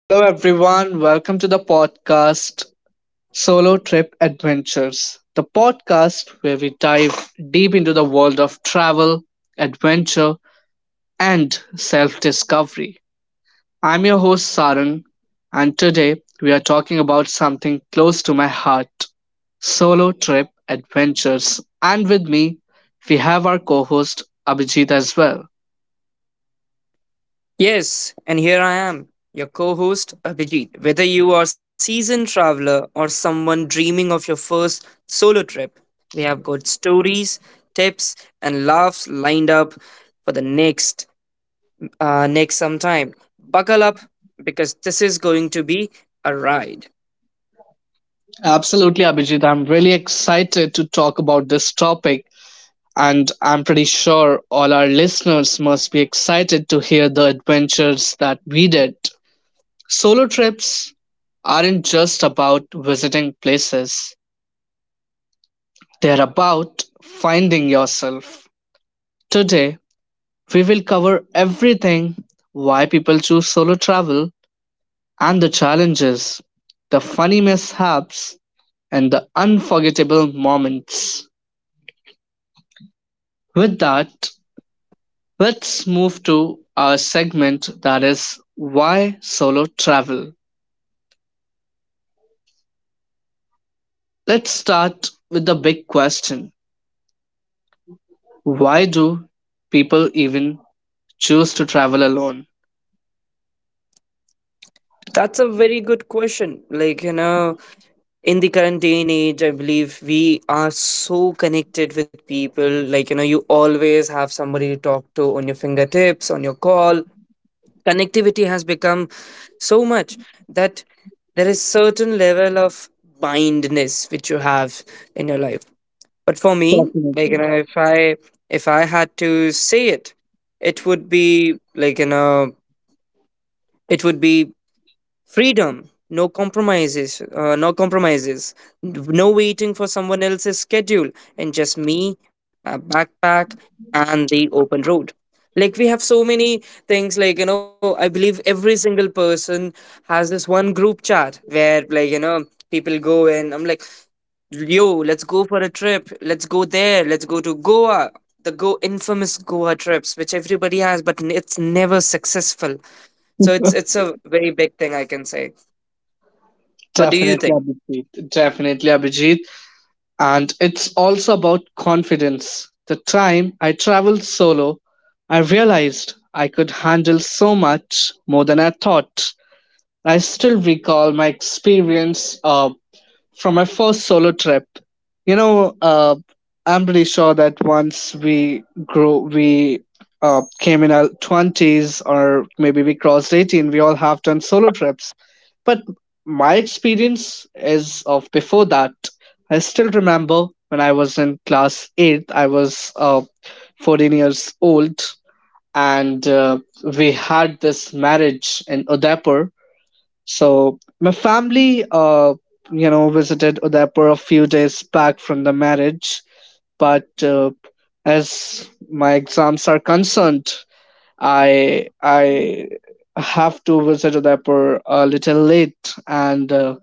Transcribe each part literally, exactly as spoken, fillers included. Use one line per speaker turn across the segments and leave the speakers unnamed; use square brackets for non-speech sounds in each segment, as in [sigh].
Hello, everyone. Welcome to the podcast Solo Trip Adventures, the podcast where we dive deep into the world of travel, adventure, and self discovery. I'm your host, Sarang, and today we are talking about something close to my heart solo trip adventures. And with me, we have our co host, Abhijit, as well.
Yes, and here I am, your co host Abhijit. Whether you are seasoned traveler or someone dreaming of your first solo trip, we have got stories, tips, and laughs lined up for the next uh, next sometime. Buckle up because this is going to be a ride.
Absolutely, Abhijit. I'm really excited to talk about this topic. And I'm pretty sure all our listeners must be excited to hear the adventures that we did. Solo trips aren't just about visiting places, they're about finding yourself. Today, we will cover everything why people choose solo travel and the challenges, the funny mishaps, and the unforgettable moments. With that, let's move to our segment that is why solo travel. Let's start with the big question why do people even choose to travel alone?
That's a very good question. Like, you know, in the current day and age, i believe we are so connected with people, like you know you always have somebody to talk to on your fingertips, on your call. Connectivity has become so much that there is certain level of blindness which you have in your life. But for me, like you
Definitely.
know if i if i had to say it, it would be like you know it would be freedom, no compromises uh, no compromises, no waiting for someone else's schedule, and just me, my backpack, and the open road. Like, we have so many things. like you know i believe every single person has this one group chat where, like you know people go, and i'm like, yo, let's go for a trip, let's go there, let's go to goa, the go infamous goa trips which everybody has but n- it's never successful. So it's
[laughs]
it's a very big thing, i can say. What do you
Definitely,
think?
Abhijit. Definitely, Abhijit. And it's also about confidence. The time I traveled solo, I realized I could handle so much more than I thought. I still recall my experience uh, from my first solo trip. You know, uh, I'm pretty sure that once we grow, we uh, came in our twenties or maybe we crossed eighteen, we all have done solo trips. But my experience is of before that. I still remember when I was in class eight, I was uh, fourteen years old, and uh, we had this marriage in Udaipur, so my family, uh, you know, visited Udaipur a few days back from the marriage, but uh, as my exams are concerned, I I have to visit Udaipur a little late, and uh,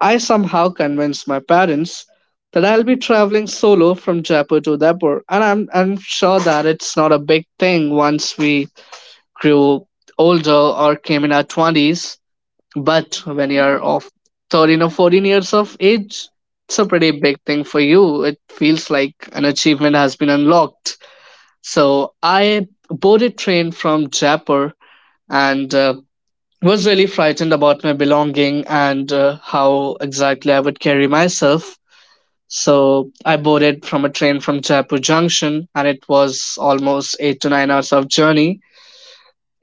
I somehow convinced my parents that I'll be traveling solo from Jaipur to Udaipur, and I'm I'm sure that it's not a big thing once we grew older or came in our twenties, but when you're of thirteen or fourteen years of age, it's a pretty big thing for you. It feels like an achievement has been unlocked. So I boarded train from Jaipur and uh, was really frightened about my belonging and uh, how exactly I would carry myself. So I boarded from a train from Jaipur Junction, and it was almost eight to nine hours of journey.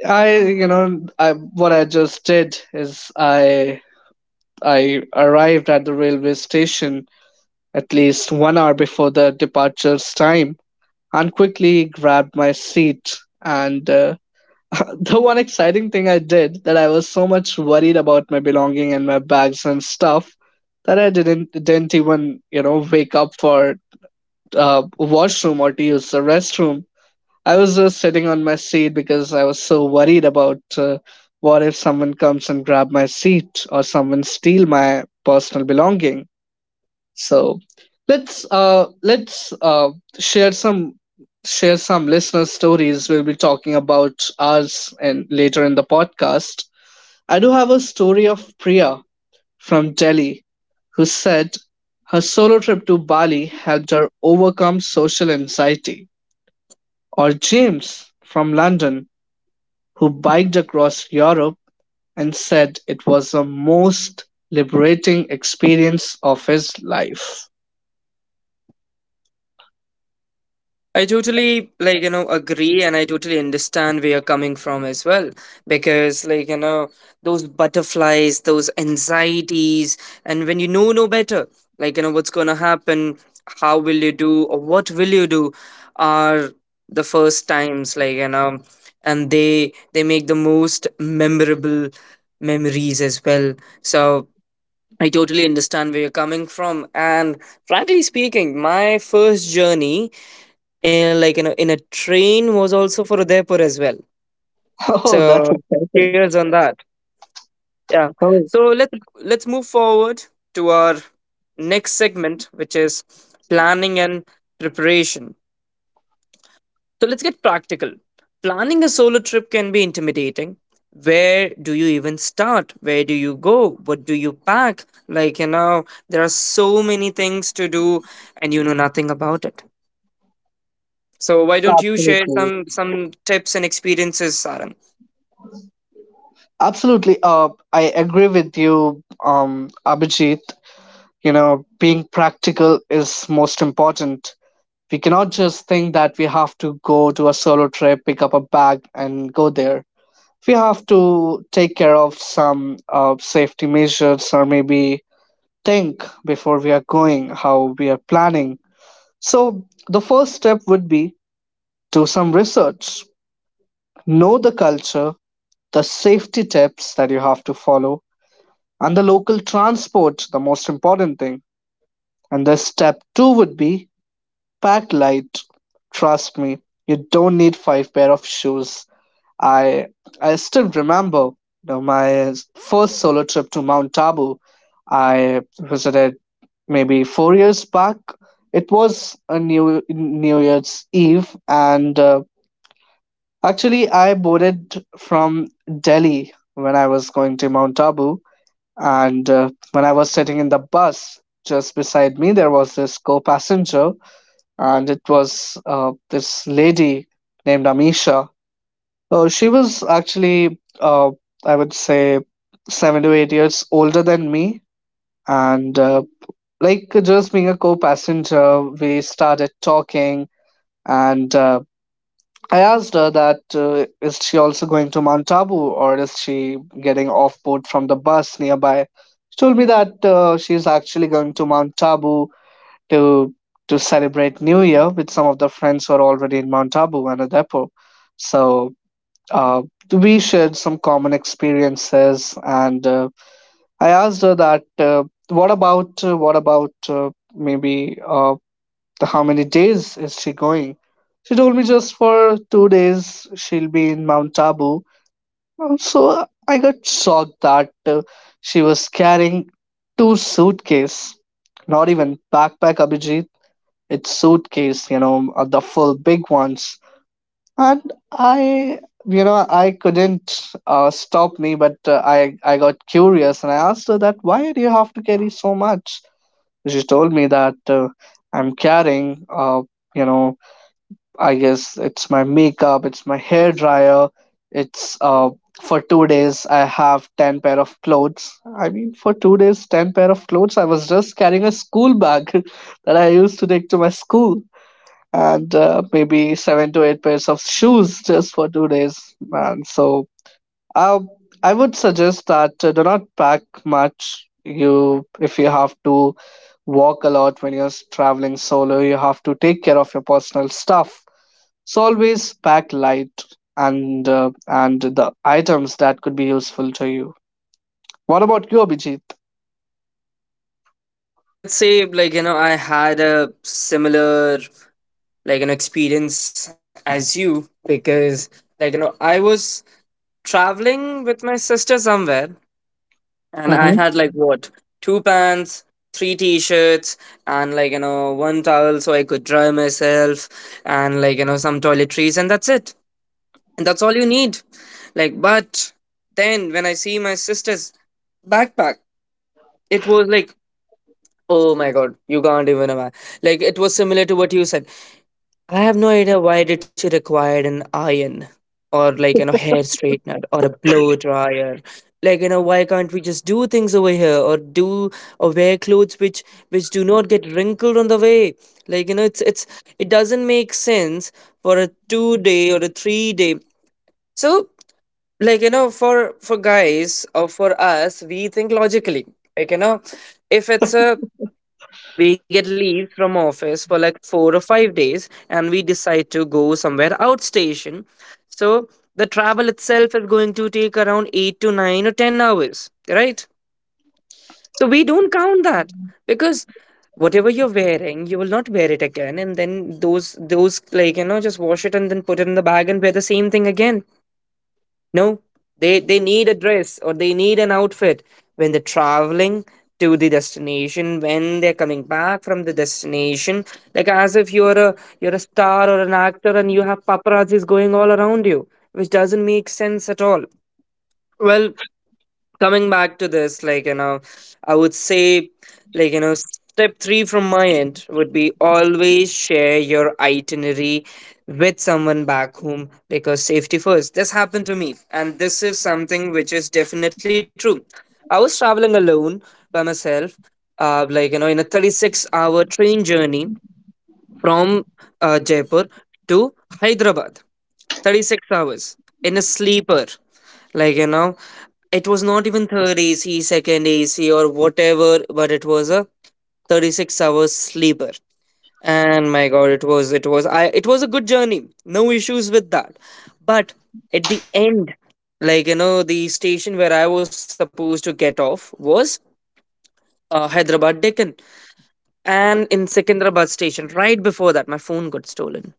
I, you know, I what I just did is I I arrived at the railway station at least one hour before the departure's time and quickly grabbed my seat. And uh, [laughs] the one exciting thing I did that I was so much worried about my belonging and my bags and stuff that I didn't didn't even you know wake up for uh, washroom or to use the restroom. I was just sitting on my seat because I was so worried about uh, what if someone comes and grab my seat or someone steal my personal belonging. So let's uh let's uh share some share some listener stories. We'll be talking about ours, and later in the podcast I do have a story of Priya from Delhi, who said her solo trip to Bali helped her overcome social anxiety, or James from London, who biked across Europe and said it was the most liberating experience of his life.
I totally like you know agree, and I totally understand where you're coming from as well. Because, like you know those butterflies, those anxieties, and when you know no better, like you know what's going to happen, how will you do or what will you do, are the first times. like you know and they they make the most memorable memories as well. So I totally understand where you're coming from, and frankly speaking, my first journey, and like you know in a train, was also for udaipur as well.
[laughs] Oh, that's
So
exciting.
cheers on that. Yeah, so let's let's move forward to our next segment, which is planning and preparation. So let's get practical. Planning a solo trip can be intimidating. Where do you even start, where do you go, what do you pack? like you know there are so many things to do, and you know nothing about it. So why don't you share
Absolutely.
some some tips and experiences, saran?
Absolutely. Uh, I agree with you, um, Abhijit. You know, being practical is most important. We cannot just think that we have to go to a solo trip, pick up a bag, and go there. We have to take care of some uh, safety measures or maybe think before we are going, how we are planning. So, the first step would be do some research, know the culture, the safety tips that you have to follow and the local transport, the most important thing. And the step two would be pack light. Trust me, you don't need five pair of shoes. I I still remember you know, my first solo trip to Mount Tabu. I visited maybe four years back. It was a new New Year's Eve, and uh, actually I boarded from Delhi when I was going to Mount Tabu. And uh, when I was sitting in the bus, just beside me, there was this co passenger, and it was uh, this lady named Amisha. So she was actually, uh, I would say, seven to eight years older than me. And uh, like just being a co passenger, we started talking, and uh, I asked her that uh, is she also going to Mount Abu or is she getting off board from the bus nearby? She told me that uh, she's actually going to Mount Abu to to celebrate New Year with some of the friends who are already in Mount Abu and Adepo. So uh, we shared some common experiences, and uh, I asked her that uh, what about uh, what about uh, maybe. Uh, the How many days is she going? She told me just for two days she'll be in Mount Tabu. Um, So I got shocked that uh, she was carrying two suitcase. Not even backpack, Abhijit. It's suitcase, you know, uh, the full big ones. And I, you know, I couldn't uh, stop me, but uh, I, I got curious and I asked her that, why do you have to carry so much? She told me that uh, I'm carrying, uh, you know, I guess it's my makeup, it's my hair dryer, it's uh for two days I have ten pair of clothes. I mean for two days ten pair of clothes. I was just carrying a school bag [laughs] that I used to take to my school and uh, maybe seven to eight pairs of shoes [laughs] just for two days, man. So uh, I would suggest that uh, do not pack much. You if you have to walk a lot when you're s- traveling solo you have to take care of your personal stuff. It's always pack light and uh, and the items that could be useful to you. What about you, Abhijit?
I'd say, like you know I had a similar, like, an experience as you, because, like you know I was traveling with my sister somewhere, and I
Mm-hmm.
had, like, what, two pants, three t-shirts, and, like you know one towel so I could dry myself, and like you know some toiletries, and that's it. And that's all you need. Like, but then when I see my sister's backpack, it was like, oh my god, you can't even imagine. Like, it was similar to what you said. I have no idea why did she require an iron, or like you know hair straightener, or a blow dryer. Like you know why can't we just do things over here, or do, or wear clothes which which do not get wrinkled on the way? Like you know it's it's it doesn't make sense for a two day or a three day. So, like you know for for guys, or for us, we think logically. Like you know if it's a, we get leave from office for like four or five days, and we decide to go somewhere outstation. So the travel itself is going to take around eight to nine or ten hours, right? So we don't count that, because whatever you're wearing, you will not wear it again, and then those those, like you know just wash it and then put it in the bag and wear the same thing again. No, they they need a dress, or they need an outfit when they're traveling to the destination, when they're coming back from the destination, like as if you're a, you're a star or an actor and you have paparazzis going all around you, which doesn't make sense at all. Well, coming back to this, like you know i would say, like you know step three from my end would be always share your itinerary with someone back home, because safety first. This happened to me, and this is something which is definitely true. I was traveling alone, by myself, uh, like you know in a thirty-six hour train journey from uh, Jaipur to Hyderabad, thirty-six hours in a sleeper. Like, you know, it was not even third A C, second A C, or whatever, but it was a thirty-six hour sleeper. And my God, it was, it was, I, it was a good journey. No issues with that. But at the end, like, you know, the station where I was supposed to get off was uh, Hyderabad Deccan. And in Secunderabad station, right before that, my phone got stolen.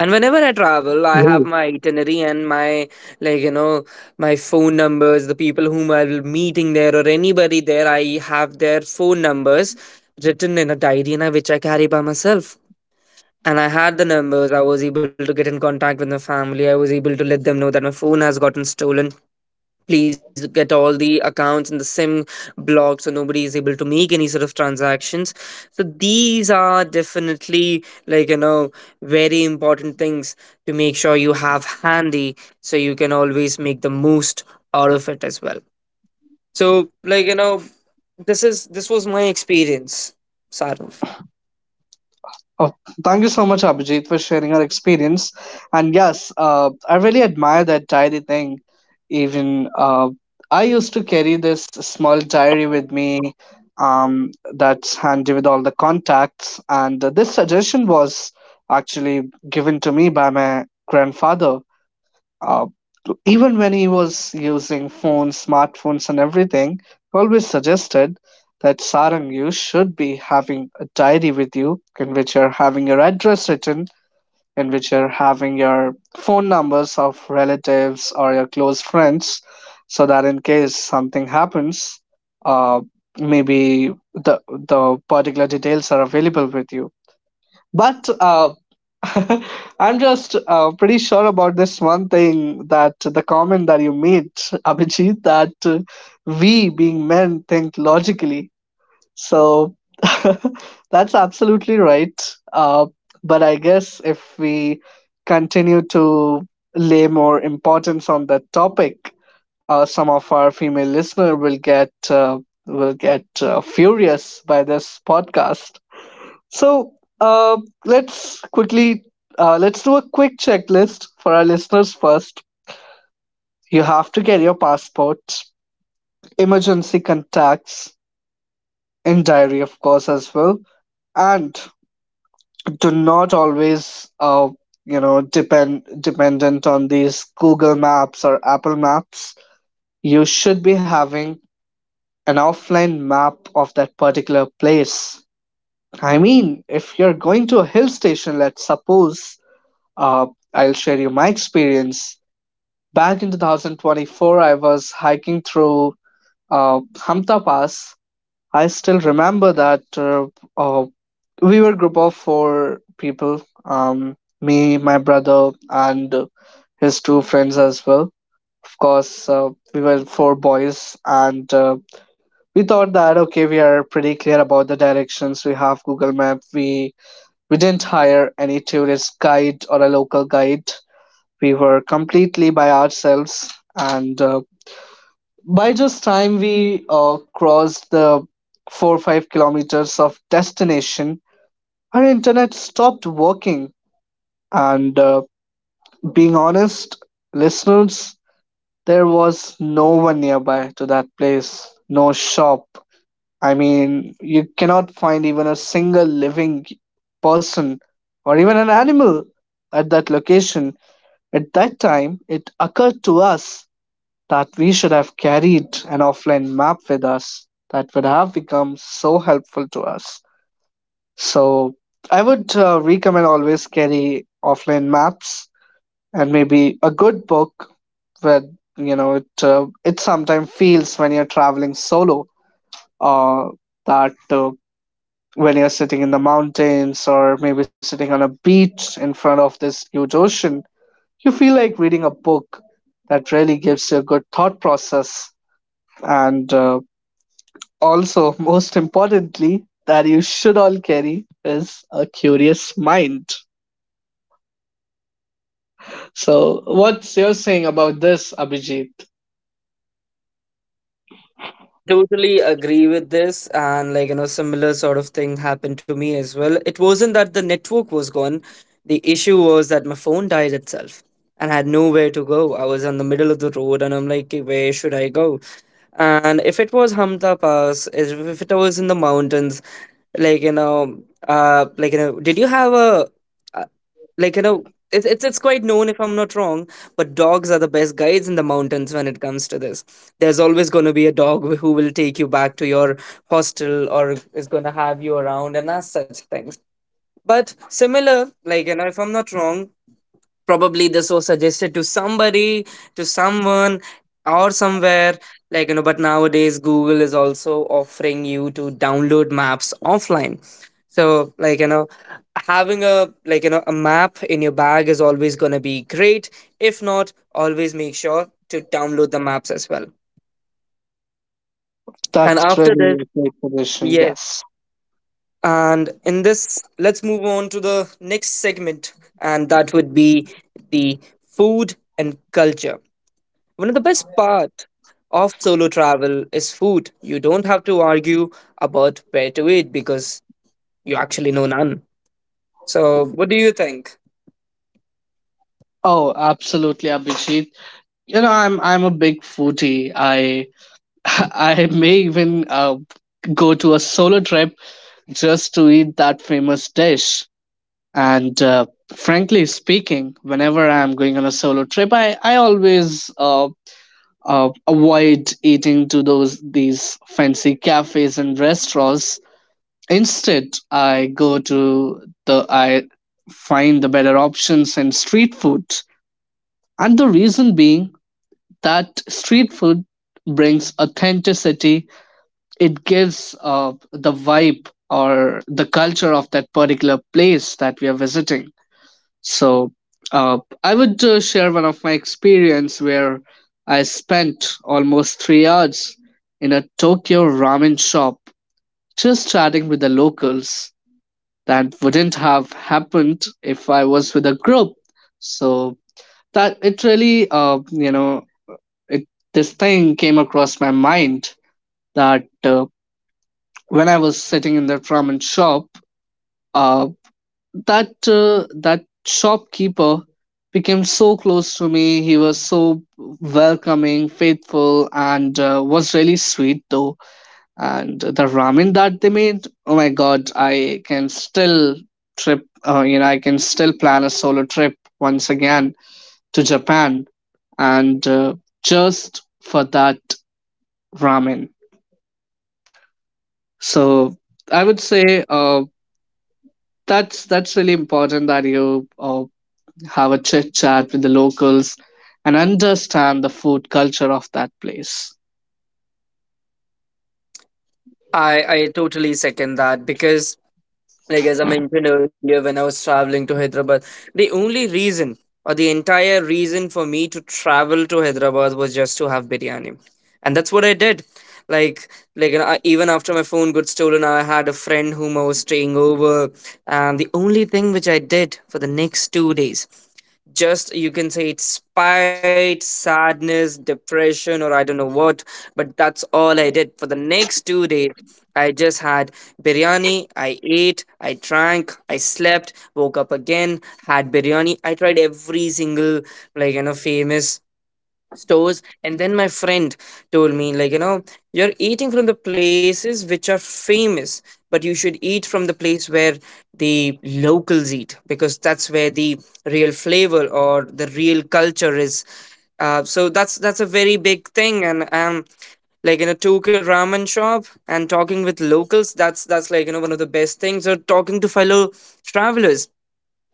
And whenever I travel, I have my itinerary and my like you know my phone numbers, the people whom I will meeting there or anybody there, I have their phone numbers written in a diary, and I, which I carry by myself. And I had the numbers. I was able to get in contact with my family. I was able to let them know that my phone has gotten stolen, please get all the accounts and the sim blocked so nobody is able to make any sort of transactions. So these are definitely, like you know very important things to make sure you have handy so you can always make the most out of it as well. So, like you know this is this was my experience, Sarah.
Oh, thank you so much, Abhijit, for sharing your experience. And yes, uh, I really admire that diary thing. Even uh, I used to carry this small diary with me um, that's handy with all the contacts. And this suggestion was actually given to me by my grandfather. uh, Even when he was using phones, smartphones, and everything, he always suggested that Sarang, you should be having a diary with you in which you're having your address written, in which you're having your phone numbers of relatives or your close friends, so that in case something happens, uh, maybe the the particular details are available with you. But uh, [laughs] I'm just uh, pretty sure about this one thing that the comment that you made, [laughs] Abhijit, that uh, we being men think logically. So [laughs] that's absolutely right. Uh, but I guess if we continue to lay more importance on that topic, uh, some of our female listener will get uh, will get uh, furious by this podcast. So uh, let's quickly uh, let's do a quick checklist for our listeners first. You have to get your passport, emergency contacts, and diary, of course, as well. And do not always, uh, you know, depend dependent on these Google Maps or Apple Maps. You should be having an offline map of that particular place. I mean, if you're going to a hill station, let's suppose. Uh, I'll share you my experience. Back in two thousand twenty-four, I was hiking through uh, Hamta Pass. I still remember that uh, uh, we were a group of four people, um, me, my brother, and his two friends as well. Of course, uh, we were four boys, and uh, we thought that okay, we are pretty clear about the directions. We have Google Map. We we didn't hire any tourist guide or a local guide. We were completely by ourselves, and uh, by just time we uh, crossed the four or five kilometers of destination our internet stopped working. And uh, being honest listeners, there was no one nearby to that place, no shop. I mean you cannot find even a single living person or even an animal at that location. At that time it occurred to us that we should have carried an offline map with us. That would have become so helpful to us. So I would uh, recommend always carry offline maps and maybe a good book. Where you know it uh, it sometimes feels when you're traveling solo, uh, that uh, when you're sitting in the mountains or maybe sitting on a beach in front of this huge ocean, you feel like reading a book. That really gives you a good thought process. And uh, also, [laughs] most importantly, that you should all carry is a curious mind. So, what's your saying about this, Abhijit?
I totally agree with this. And, like, you know, similar sort of thing happened to me as well. It wasn't that the network was gone, the issue was that my phone died itself and had nowhere to go. I was on the middle of the road, and I'm like, "Okay, where should I go? And if it was Hamta Pass, if if it was in the mountains, like, you know, uh, like, you know, did you have a. uh, like you know it's, it's it's quite known, if I'm not wrong, but dogs are the best guides in the mountains when it comes to this. There's always going to be a dog wh- who will take you back to your hostel, or is going to have you around and as such things. But similar, like you know if I'm not wrong, probably this was suggested to somebody, to someone, or somewhere, like you know but nowadays google is also offering you to download maps offline. So, like you know having a, like you know a map in your bag is always going to be great. If not, always make sure to download the maps as well. And
That's
after this,
really a great suggestion.
yes,
Yes.
and in this, let's move on to the next segment, and that would be the food and culture. One of the best parts of solo travel is food. You don't have to argue about where to eat, because you actually know none. So, what do you think?
Oh, absolutely, Abhijit. You know, I'm I'm a big foodie. I [laughs] I may even uh, go to a solo trip just to eat that famous dish. And uh, Frankly speaking, whenever I'm going on a solo trip, I, I always uh, uh, avoid eating to those these fancy cafes and restaurants. Instead, I go to the I find the better options in street food, and the reason being that street food brings authenticity. It gives uh, the vibe or the culture of that particular place that we are visiting. So uh, I would uh, share one of my experience where I spent almost three hours in a Tokyo ramen shop, just chatting with the locals. That wouldn't have happened if I was with a group. So that it really uh, you know it this thing came across my mind that, uh, when I was sitting in that ramen shop, uh, that uh, that shopkeeper became so close to me. He was so welcoming, faithful, and uh, was really sweet though. And the ramen that they made, oh my god, I can still trip. Uh, you know, I can still plan a solo trip once again to Japan, and uh, just for that ramen. So I would say, uh, That's that's really important that you uh, have a chit chat with the locals and understand the food culture of that place.
I, I totally second that, because like as I mentioned earlier, when I was traveling to Hyderabad, the only reason, or the entire reason for me to travel to Hyderabad, was just to have biryani, and that's what I did. Like, like you know, I, even after my phone got stolen, I had a friend whom I was staying over, and the only thing which I did for the next two days, just you can say it's spite, sadness, depression, or I don't know what, but that's all i did for the next two days. I just had biryani, i ate, i drank, i slept, woke up again, had biryani, i tried every single, like you know famous stores, and then my friend told me, like you know you're eating from the places which are famous, but you should eat from the place where the locals eat, because that's where the real flavor or the real culture is. Uh, so that's that's a very big thing. And um Like, in a Tokyo ramen shop, and talking with locals, that's that's like you know one of the best things, or talking to fellow travelers.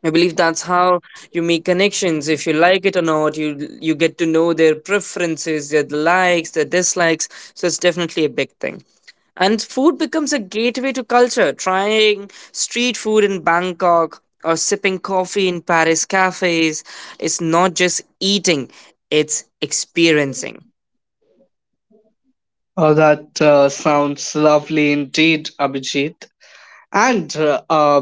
I believe that's how you make connections. If you like it or not, you you get to know their preferences, their likes, their dislikes. So it's definitely a big thing. And food becomes a gateway to culture. Trying street food in Bangkok, or sipping coffee in Paris cafes, it's not just eating, it's experiencing.
Uh, that uh, sounds lovely indeed, Abhijit. And uh, uh,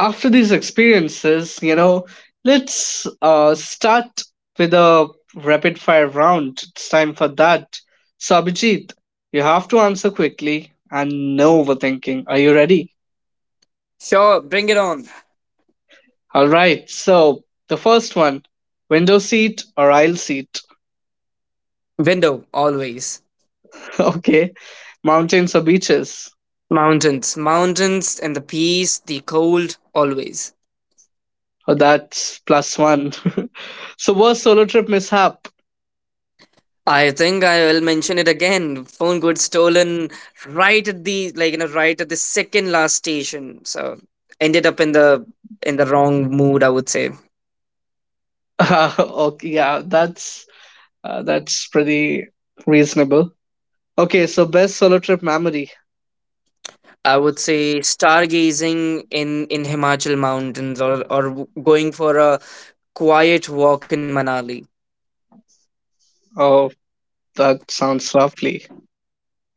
After these experiences, you know, let's uh, start with a rapid fire round. It's time for that. So, Abhijit, you have to answer quickly and no overthinking. Are you ready?
Sure, bring it on.
All right. So the first one, window seat or aisle seat?
Window always.
[laughs] Okay. Mountains or beaches?
Mountains, mountains, and the peace, the cold always.
Oh, that's plus one. [laughs] So worst solo trip mishap.
I think I will mention it again. Phone got stolen right at the, like you know right at the second last station. So ended up in the, in the wrong mood, I would say.
[laughs] Okay, yeah, that's uh, that's pretty reasonable. Okay, so best solo trip memory.
I would say stargazing in in Himachal mountains, or or w- going for a quiet walk in Manali.
Oh, that sounds lovely.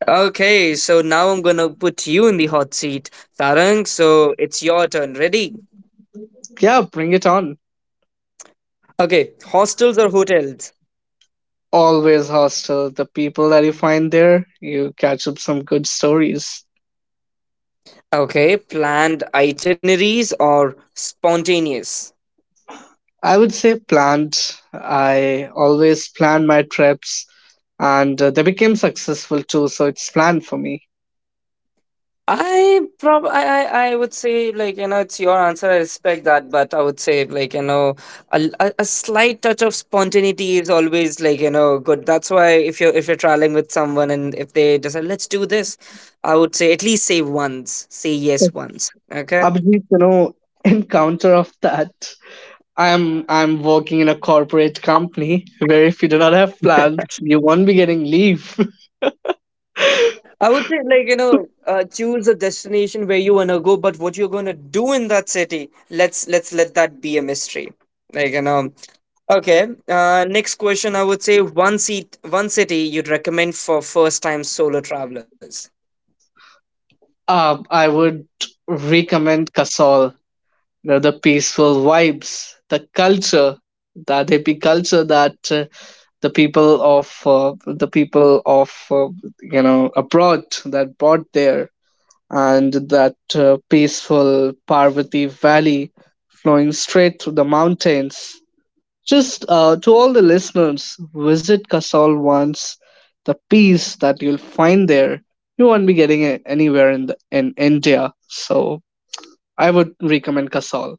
Okay, so now I'm gonna put you in the hot seat, Tarang. So it's your turn. Ready?
Yeah, bring it on.
Okay, hostels or hotels?
Always hostel. The people that you find there, you catch up some good stories.
Okay, planned itineraries or spontaneous?
I would say planned. I always plan my trips, and uh, they became successful too. So it's planned for me.
I prob I, I I would say like you know it's your answer, I respect that, but I would say like you know a, l- a- a slight touch of spontaneity is always like you know good. That's why if you're if you're traveling with someone and if they decide let's do this, I would say at least say once, say yes once. Okay,
Abhijit, you know, [laughs] in counter of that, I'm I'm working in a corporate company [laughs] where if you do not have plans, you won't be getting leave. [laughs]
I would say, like, you know, uh, choose a destination where you wanna go, but what you're gonna do in that city, let's let's let that be a mystery. Like, you know, okay. Uh, next question, I would say one seat, one city you'd recommend for first time solo travelers.
Uh, I would recommend Kasol. You know, the peaceful vibes, the culture, that hippie culture that uh, the people of uh, the people of uh, you know abroad that brought there, and that uh, peaceful Parvati Valley flowing straight through the mountains. Just uh, to all the listeners, visit Kasol once. The peace that you'll find there, you won't be getting it anywhere in the, in India. So I would recommend Kasol.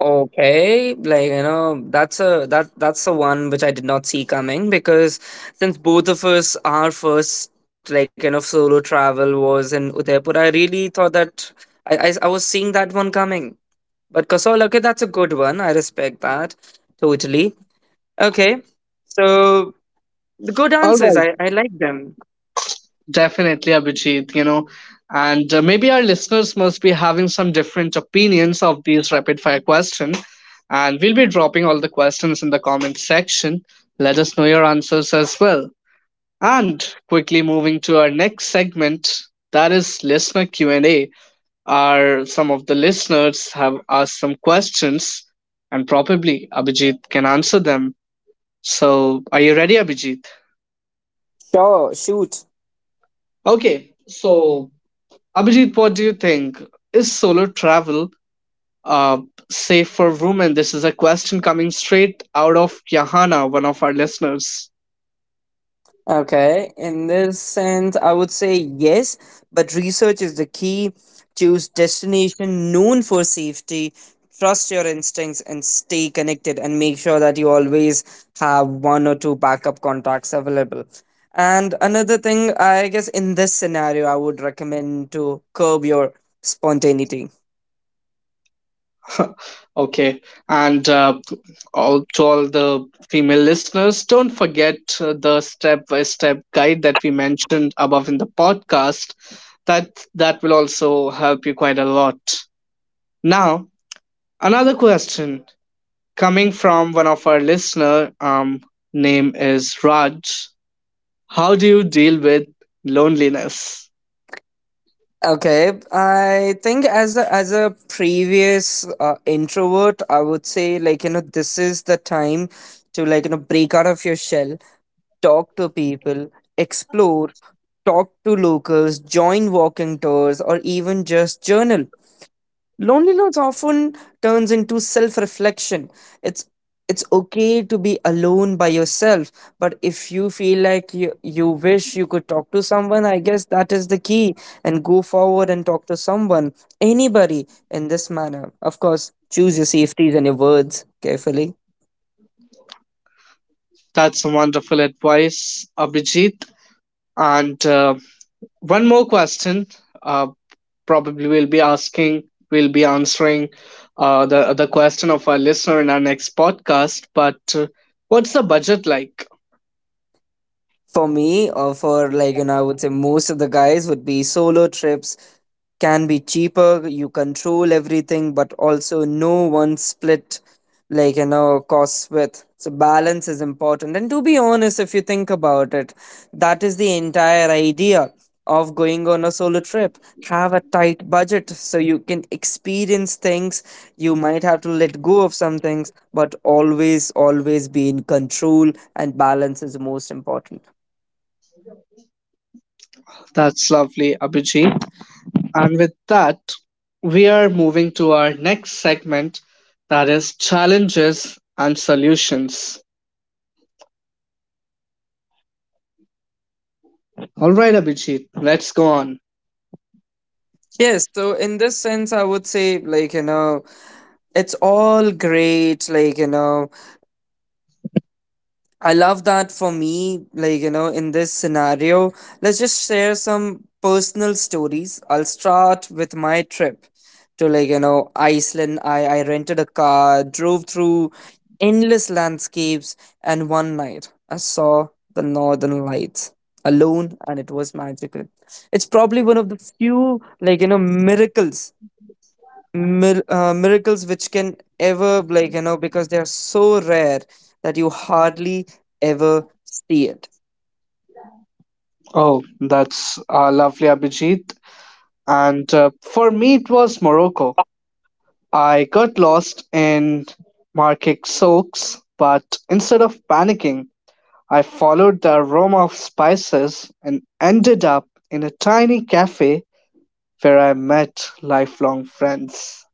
Okay, like, you know, that's a that that's the one which I did not see coming, because since both of us our first like kind of solo travel was in Udaipur, I really thought that I, I I was seeing that one coming. But Kasaul, okay, that's a good one. I respect that totally. Okay, so the good
All
answers,
right,
I, I like them.
definitely, Abhijit. You know, and uh, maybe our listeners must be having some different opinions of these rapid fire questions. And we'll be dropping all the questions in the comment section. Let us know your answers as well. And quickly moving to our next segment, that is listener Q and A. Our some of the listeners have asked some questions, and probably Abhijit can answer them. So, are you ready, Abhijit?
Sure, shoot.
Okay. So, Abhijit, what do you think? Is solo travel uh, safe for women? This is a question coming straight out of Yahana, one of our listeners.
Okay, in this sense, I would say yes, but research is the key. Choose destination known for safety, trust your instincts, and stay connected, and make sure that you always have one or two backup contacts available. And another thing, I guess, in this scenario, I would recommend to curb your spontaneity.
[laughs] Okay, and uh, all to all the female listeners, don't forget uh, the step-by-step guide that we mentioned above in the podcast. That that will also help you quite a lot. Now, another question coming from one of our listener. Um, name is Raj. How do you deal with loneliness?
Okay, I think as a as a previous uh, introvert, I would say like you know this is the time to like you know break out of your shell, talk to people, explore, talk to locals, join walking tours, or even just journal. Loneliness often turns into self-reflection. It's it's okay to be alone by yourself, but if you feel like you, you wish you could talk to someone, I guess that is the key. And go forward and talk to someone, anybody in this manner. Of course, choose your safeties and your words carefully.
That's some wonderful advice, Abhijit. And uh, one more question. Uh. probably we'll be asking, We'll be answering uh, the the question of our listener in our next podcast. But uh, what's the budget like?
For me, or for like, you know, I would say most of the guys would be, solo trips can be cheaper. You control everything, but also no one split like you know costs with. So balance is important. And to be honest, if you think about it, that is the entire idea of going on a solo trip. Have a tight budget so you can experience things. You might have to let go of some things, but always, always be in control and balance is most important.
That's lovely, Abhijit. And with that, we are moving to our next segment, that is challenges and solutions. All right, Abhijit, let's go on.
Yes, so in this sense, I would say, like, you know, it's all great. Like, you know, I love that. For me, like, you know, in this scenario, let's just share some personal stories. I'll start with my trip to, like, you know, Iceland. I, I rented a car, drove through endless landscapes, and one night I saw the northern lights alone, and it was magical. It's probably one of the few, like, you know, miracles Mir- uh, miracles which can ever, like you know because they are so rare that you hardly ever see it.
Oh, that's uh, lovely, Abhijit. And uh, for me, it was Morocco. I got lost in market soaks, but instead of panicking, I followed the aroma of spices and ended up in a tiny cafe where I met lifelong friends.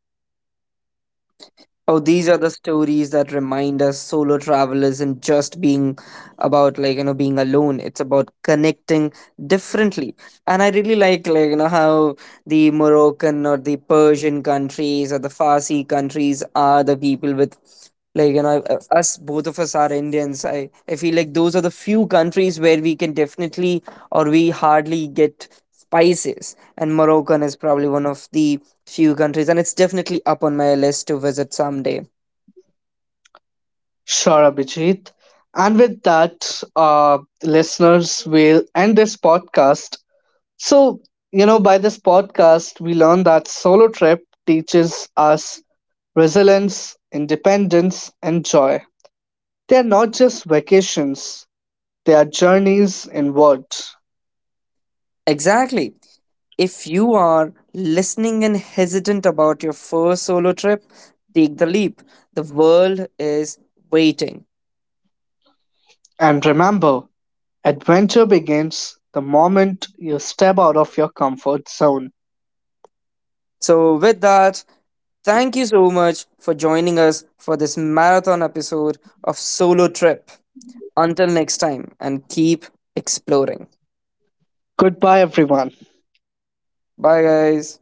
Oh, these are the stories that remind us solo travel isn't just being about like you know being alone. It's about connecting differently. And I really like like you know how the Moroccan or the Persian countries or the Farsi countries are the people with like you know uh, us, both of us are Indians. I I feel like those are the few countries where we can definitely or we hardly get spices, and moroccan is probably one of the few countries, and it's definitely up on my list to visit someday.
Sure, Abhijit. And with that, uh, listeners, we'll end this podcast. So, you know, by this podcast, we learn that solo trip teaches us resilience, independence, and joy. They are not just vacations, they are journeys inward.
Exactly. If you are listening and hesitant about your first solo trip, take the leap. The world is waiting.
And remember, adventure begins the moment you step out of your comfort zone.
So, with that, thank you so much for joining us for this marathon episode of Solo Trip. Until next time, and keep exploring.
Goodbye, everyone.
Bye, guys.